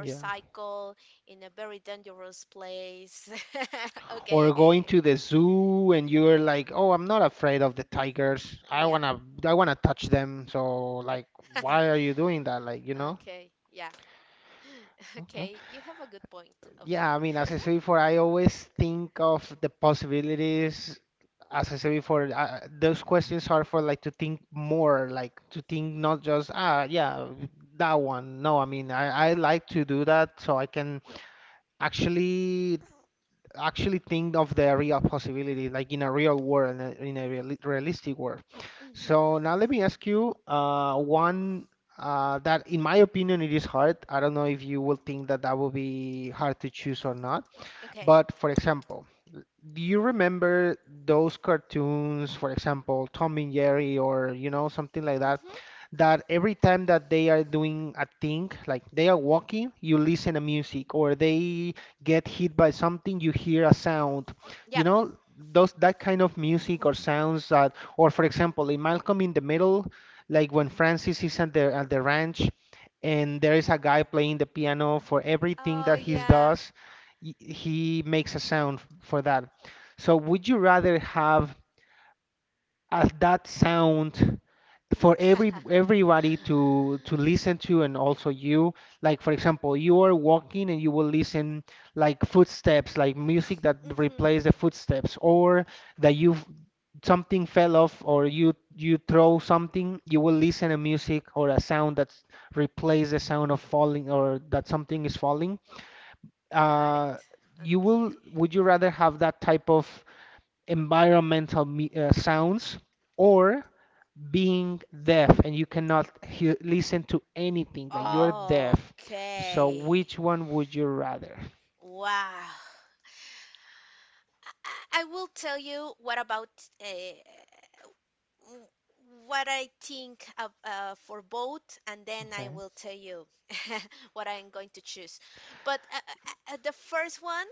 Yeah,
in a very dangerous place. Okay,
or going
okay,
to the zoo and you're like, "Oh, I'm not afraid of the tigers. I
yeah,
wanna I wanna touch them." So like, why are you doing that? Like, you know?
okay, yeah,
Okay.
okay. You have a good point of
Yeah, I mean,
that.
as I said before, I always think of the possibilities. As I said before, uh, those questions are for like to think more, like to think not just, ah, yeah, that one. No, I mean, I, I like to do that so I can actually actually think of the real possibility, like in a real world, in a, in a reali- realistic world.
Hmm.
So now let me ask you uh, one uh, that, in my opinion, it is hard. I don't know if you will think that that will be hard to choose or not.
Okay.
But for example, do you remember those cartoons, for example, Tom and Jerry or you know something like that,
Mm-hmm.
that every time that they are doing a thing, like they are walking, you listen to music, or they get hit by something, you hear a sound, you
Yep.
know, those that kind of music or sounds that, or for example, in Malcolm in the Middle, like when Francis is at the at the ranch, and there is a guy playing the piano for everything
Oh
that he
yeah.
does, y- he makes a sound f- for that. So would you rather have as that sound for every everybody to to listen to and also you? Like for example, you are walking and you will listen like footsteps, like music that
Mm-hmm.
replaces the footsteps, or that you f- something fell off or you you throw something, you will listen to music or a sound that replaces the sound of falling or that something is falling.
Got
Uh,
it.
you will
Okay.
Would you rather have that type of environmental me- uh, sounds or being deaf and you cannot hear, listen to anything like you're deaf, so
Okay.
which one would you rather?
Wow. I, I will tell you what about uh, w- what I think of, uh, for both, and then I
Okay.
will tell you what I'm going to choose. But uh, uh, uh, the first one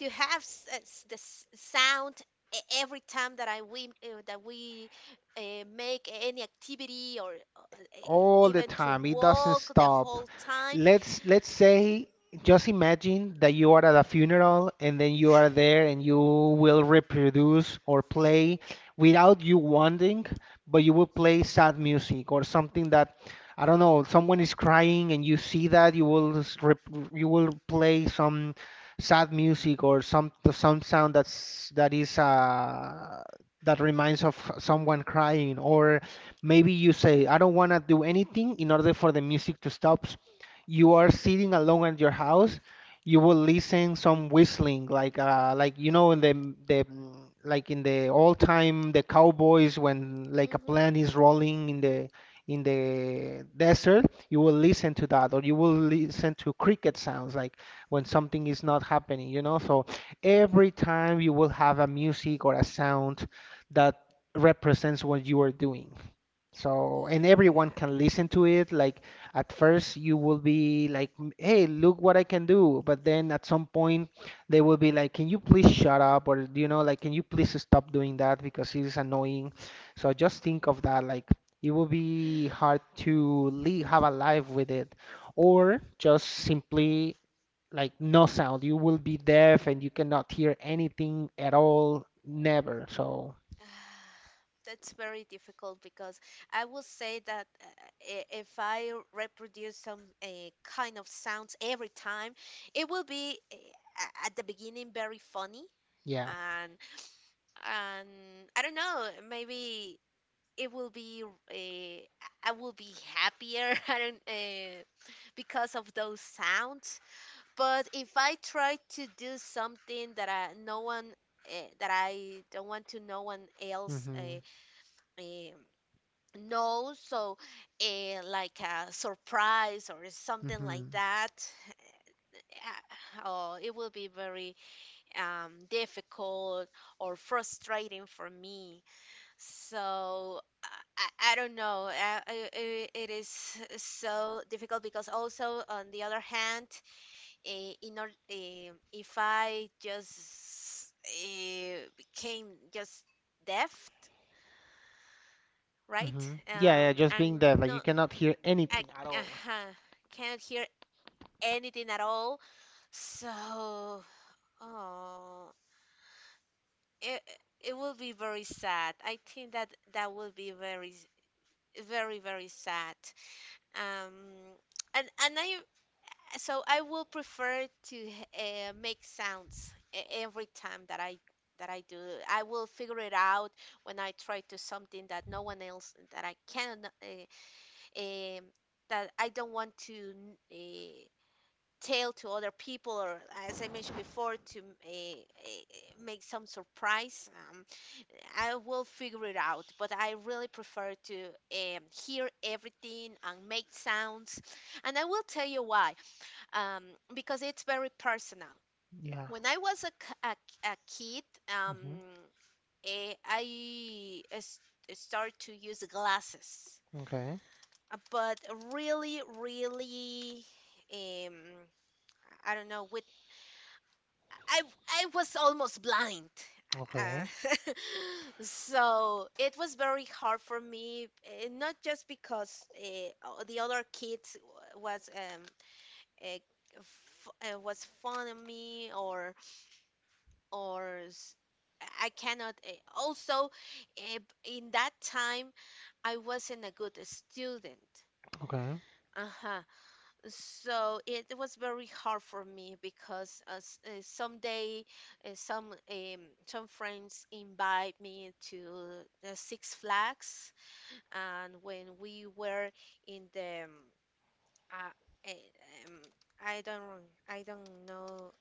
to have s- uh, s- the s- sound e- every time that I we uh, that we uh, make any activity or uh, uh,
All the
even to
time. It doesn't
walk the
stop.
whole time.
Let's let's say, just imagine that you are at a funeral and then you are there and you will reproduce or play without you wanting, but you will play sad music or something that, I don't know, someone is crying and you see that you will s- rep, you will play some sad music or some some sound that's that is uh that reminds of someone crying. Or maybe you say, I don't want to do anything in order for the music to stop. You are sitting alone at your house. You will listen some whistling, like uh, like you know in the the like in the old time, the cowboys, when like a
Hmm.
plant is rolling in the in the desert, you will listen to that, or you will listen to cricket sounds, like when something is not happening, you know. So every time you will have a music or a sound that represents what you are doing. So, and everyone
Yeah.
can listen to it. Like at first you will be like, "M- "Hey, look what I can do." But then at some point they will be like, "Can you please shut up?" Or, you know, like, "Can you please stop doing that because it is annoying." So just think of that. Like it will be hard to live, have a life with it. Or just simply like no sound. You will be deaf and you cannot hear anything at all, never. So,
That's very difficult because I will say that uh, i- if I reproduce some uh, kind of sounds every time, it will be uh, a- at the beginning very funny,
yeah.
and and I don't know, maybe it will be uh, I will be happier. I don't uh, because of those sounds. But if I try to do something that I, no one uh, that I don't want to no one else
Mm-hmm.
uh, um, no, so uh, like a surprise or something
Mm-hmm.
like that, uh, oh, it will be very um, difficult or frustrating for me. So uh, I, I don't know. Uh, it, it is so difficult because also on the other hand, uh, in or, um if I just uh, became just deaf, right?
Hmm. Yeah, yeah,
Um,
just
I'm
being there, like you
not
cannot hear
I
anything at all.
uh can't hear anything at all. So, oh, it it will be very sad. I think that that will be very s- very very sad. Um, and and I So I will prefer to uh, make sounds e- every time that I that I do. I will figure it out when I try to something that no one else that I can uh, um that I don't want to. Uh, Tell to other people, or as I mentioned before, to uh, uh, make some surprise. Um, I will figure it out, but I really prefer to um, hear everything and make sounds. And I will tell you why, um, because it's very personal.
Yeah.
When I was a, k- a k- a kid, um,
Mm-hmm.
eh, I s- started to use glasses.
Okay.
Uh, but really, really, um, I don't know, with. I I was almost blind. Uh,
Okay.
so it was very hard for me, eh, not just because uh, the other kids w- was um uh, f uh, was fun of me, or or s- I cannot. Uh, also, uh, in that time, I wasn't a good student.
Okay.
Uh So it it was very hard for me because uh, s- uh, someday uh, some um, some friends invite me to the Six Flags, and when we were in the um, uh, eh, um, I don't I don't know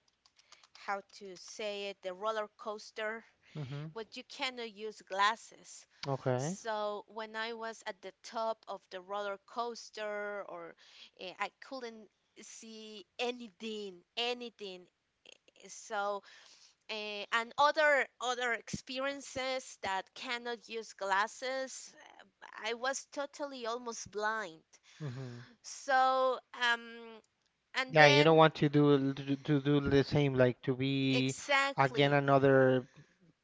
how to say it, the roller coaster,
Mm-hmm.
but you cannot use glasses.
Okay.
So when I was at the top of the roller coaster, or uh, I couldn't see anything, anything. So uh, and other other experiences that cannot use glasses, uh, I was totally almost blind.
Mm-hmm.
So um and
Yeah, you don't
then
want to do to, do- to do the same, like to be again
exactly
another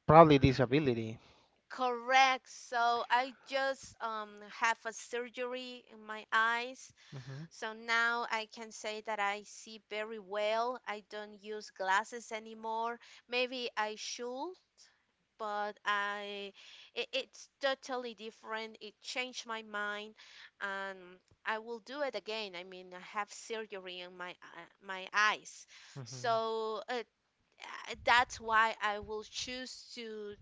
probably disability.
correct. So I just um have a surgery in my eyes. So now I can say that I see very well. I don't use glasses anymore. Maybe I should, but I it, it's totally different. It changed my mind, and I will do it again. I mean, I have surgery in my uh, my eyes. So
Mm-hmm.
uh, uh, that's why I will choose to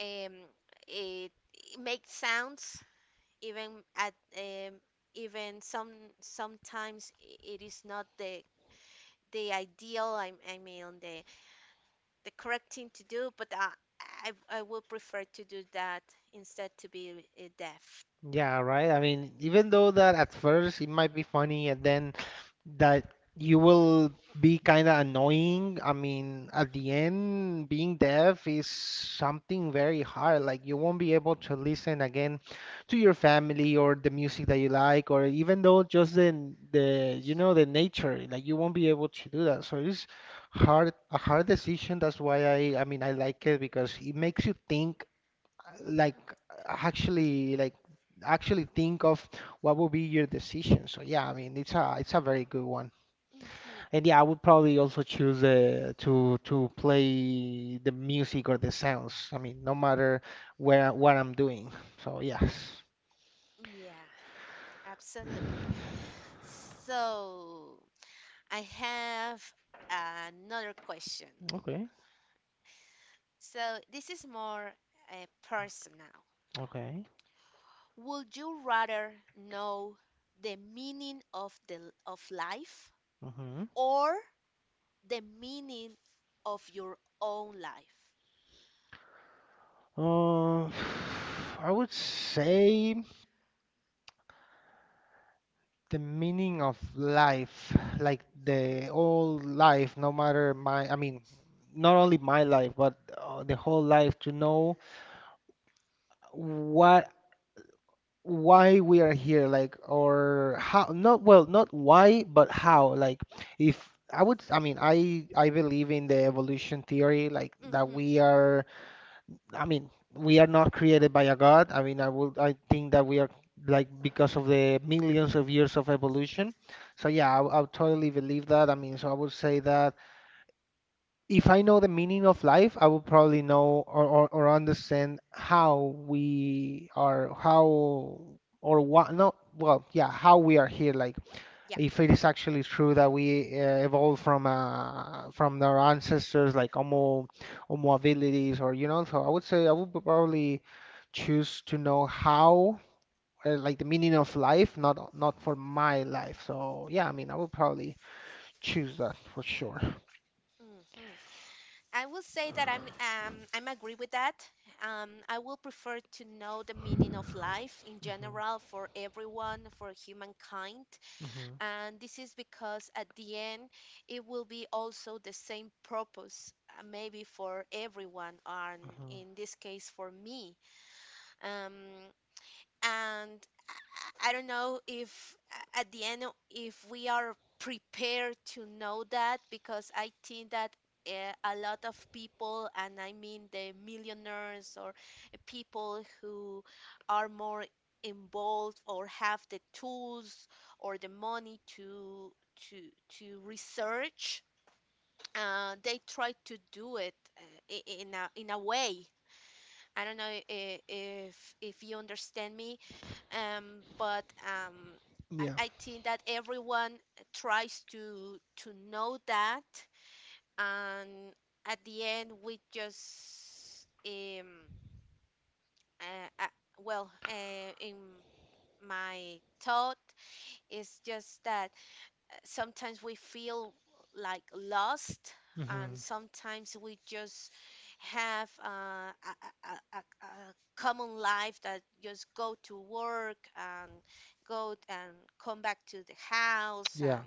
um it, make sounds even at um, even some sometimes i- it is not the the ideal. I, I mean the the correct thing to do, but I, I I would prefer to do that instead to be uh, deaf.
Yeah, right. I mean, even though that at first it might be funny and then that you will be kind of annoying, I mean, at the end, being deaf is something very hard. Like, you won't be able to listen again to your family or the music that you like, or even though just the, the, you know, the nature, like, you won't be able to do that. So it's hard, a hard decision. That's why I, I mean, I like it because it makes you think like
Hmm.
actually like actually think of what would be your decision. So yeah, I mean it's a it's a very good one.
Hmm.
And yeah, I would probably also choose uh, to to play the music or the sounds. I mean, no matter where what I'm doing. So yes.
Yeah, absolutely. So I have another question.
Okay.
So this is more uh, personal.
Okay.
Would you rather know the meaning of the of life,
Mm-hmm.
or the meaning of your own life?
Uh, I would say the meaning of life, like
Hmm.
the whole life, no matter my, I mean, not only my life, but uh, the whole life to know what, why we are here, like, or how, not, well, not why, but how, like, if I would, I mean, I, I believe in the evolution theory, like, that
Mm-hmm.
we are I mean, we are not created by a god. I mean, I would I think that we are like because of the millions of years of evolution. So yeah, I I would totally believe that. I mean, so I would say that if I know the meaning of life, I would probably know or, or, or understand how we are, how or what, no, well, yeah, how we are here, like
Yeah.
if it is actually true that we uh, evolved from uh, from our ancestors like homo homo abilities or you know. So I would say I would probably choose to know how, uh, like the meaning of life, not not for my life. So yeah, I mean I would probably choose that for sure.
Mm-hmm. I will say that I'm um I'm agree with that. Um, I will prefer to know the meaning of life in
Hmm.
general for everyone, for humankind,
Hmm.
and this is because at the end it will be also the same purpose, uh, maybe for everyone, and
Hmm.
in this case for me. Um, and I don't know if a- at the end o- if we are prepared to know that, because I think that uh, a lot of people, and I mean the millionaires, or uh, people who are more involved or have the tools or the money to to to research. Uh, they try to do it uh, i- in a in a way. I don't know if if, if you understand me. Um, but um, I,
Yeah.
I think that everyone tries to to know that, and at the end we just um uh, uh, well uh, in my thought is just that sometimes we feel like lost, and
Hmm.
sometimes we just have uh, a, a, a, a a common life that just go to work and go t- and come back to the house,
Yeah.
and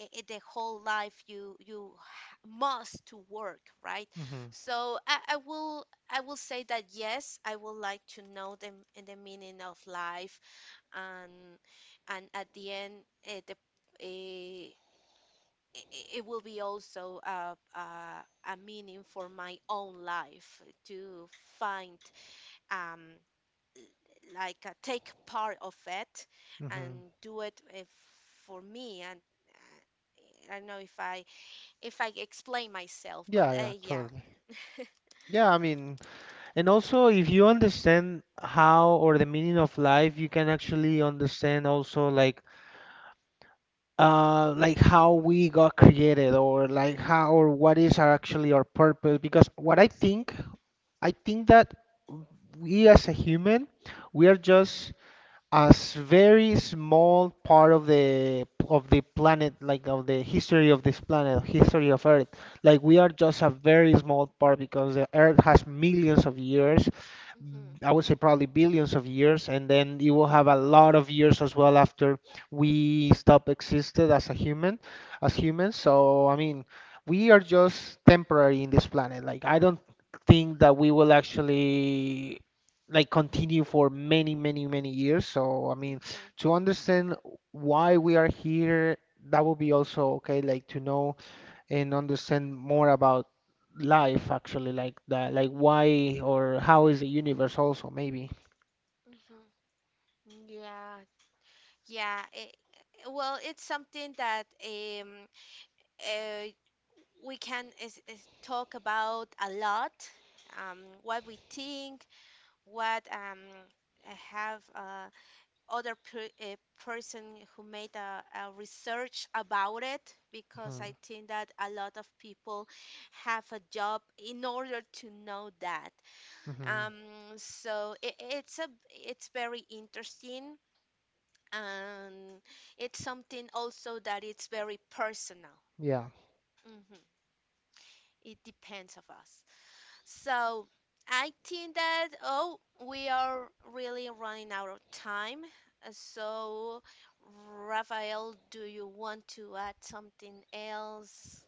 i i- the whole life you you h- must to work, right?
Hmm.
So I, I will I will say that yes, I would like to know the, m- the meaning of life, and and at the end it the eh, I- I- it will be also a, a, a meaning for my own life to find um, like uh, take part of it
Hmm.
and do it eh, for me, and uh, I don't know if I, if I explain myself, but
Yeah, yeah,
uh, yeah.
totally. Yeah, I mean, and also, if you understand how or the meaning of life, you can actually understand also like uh like how we got created or like how or what is our actually our purpose. Because what I think, I think that we as a human, we are just as very small part of the of the planet, like of the history of this planet, history of earth. Like we are just a very small part because the earth has millions of years, b- I would say probably billions of years, and then you will have a lot of years as well after we stop existed as a human, as humans. So I mean we are just temporary in this planet. Like I don't think that
Mm-hmm,
we will actually like continue for many, many, many years. So, I mean,
mm-hmm,
to understand why we are here, that would be also okay, like to know and understand more about life actually, like that, like why or how is the universe also maybe.
mm-hmm. Yeah, yeah, eh, eh, well, it's something that um, uh, we can is, is talk about a lot. Um, what we think, what um, have uh, other per, a person who made a, a research about it, because
Hmm.
I think that a lot of people have a job in order to know that.
Hmm.
um, so it, it's a it's very interesting, and it's something also that it's very personal.
Yeah.
Mhm. It depends of us. So I think that, oh, we are really running out of time. Uh, So Rafael, do you want to add something else?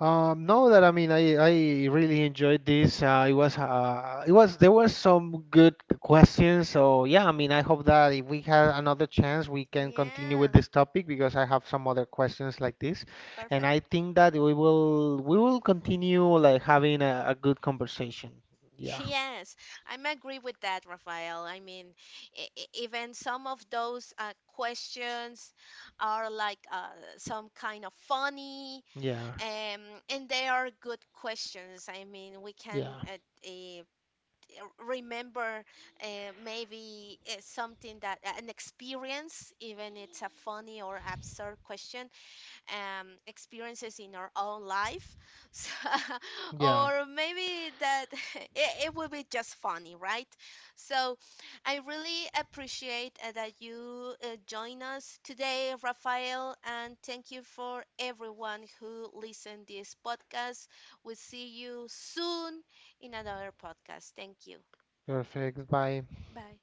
Um, no, that I mean, I, I really enjoyed this. Uh, it was uh, it was there were some good questions. So yeah, I mean, I hope that if we had another chance, we can continue
Yeah,
with this topic because I have some other questions like this, and
perfect.
I think that we will we will continue like having a, a good conversation. Yeah,
Yes, I'm agree with that, Rafael. I mean, e- e- even some of those uh, questions are like uh, some kind of funny,
yeah,
um, and they are good questions. I mean, we can
yeah,
uh, r- remember uh, maybe uh, something that uh, an experience, even it's a funny or absurd question, um experiences in our own life. So,
yeah.
or maybe that it, it will be just funny, right? So I really appreciate uh, that you uh, join us today, Rafael, and thank you for everyone who listened this podcast. We'll see you soon in another podcast. Thank you.
Perfect. Bye.
Bye.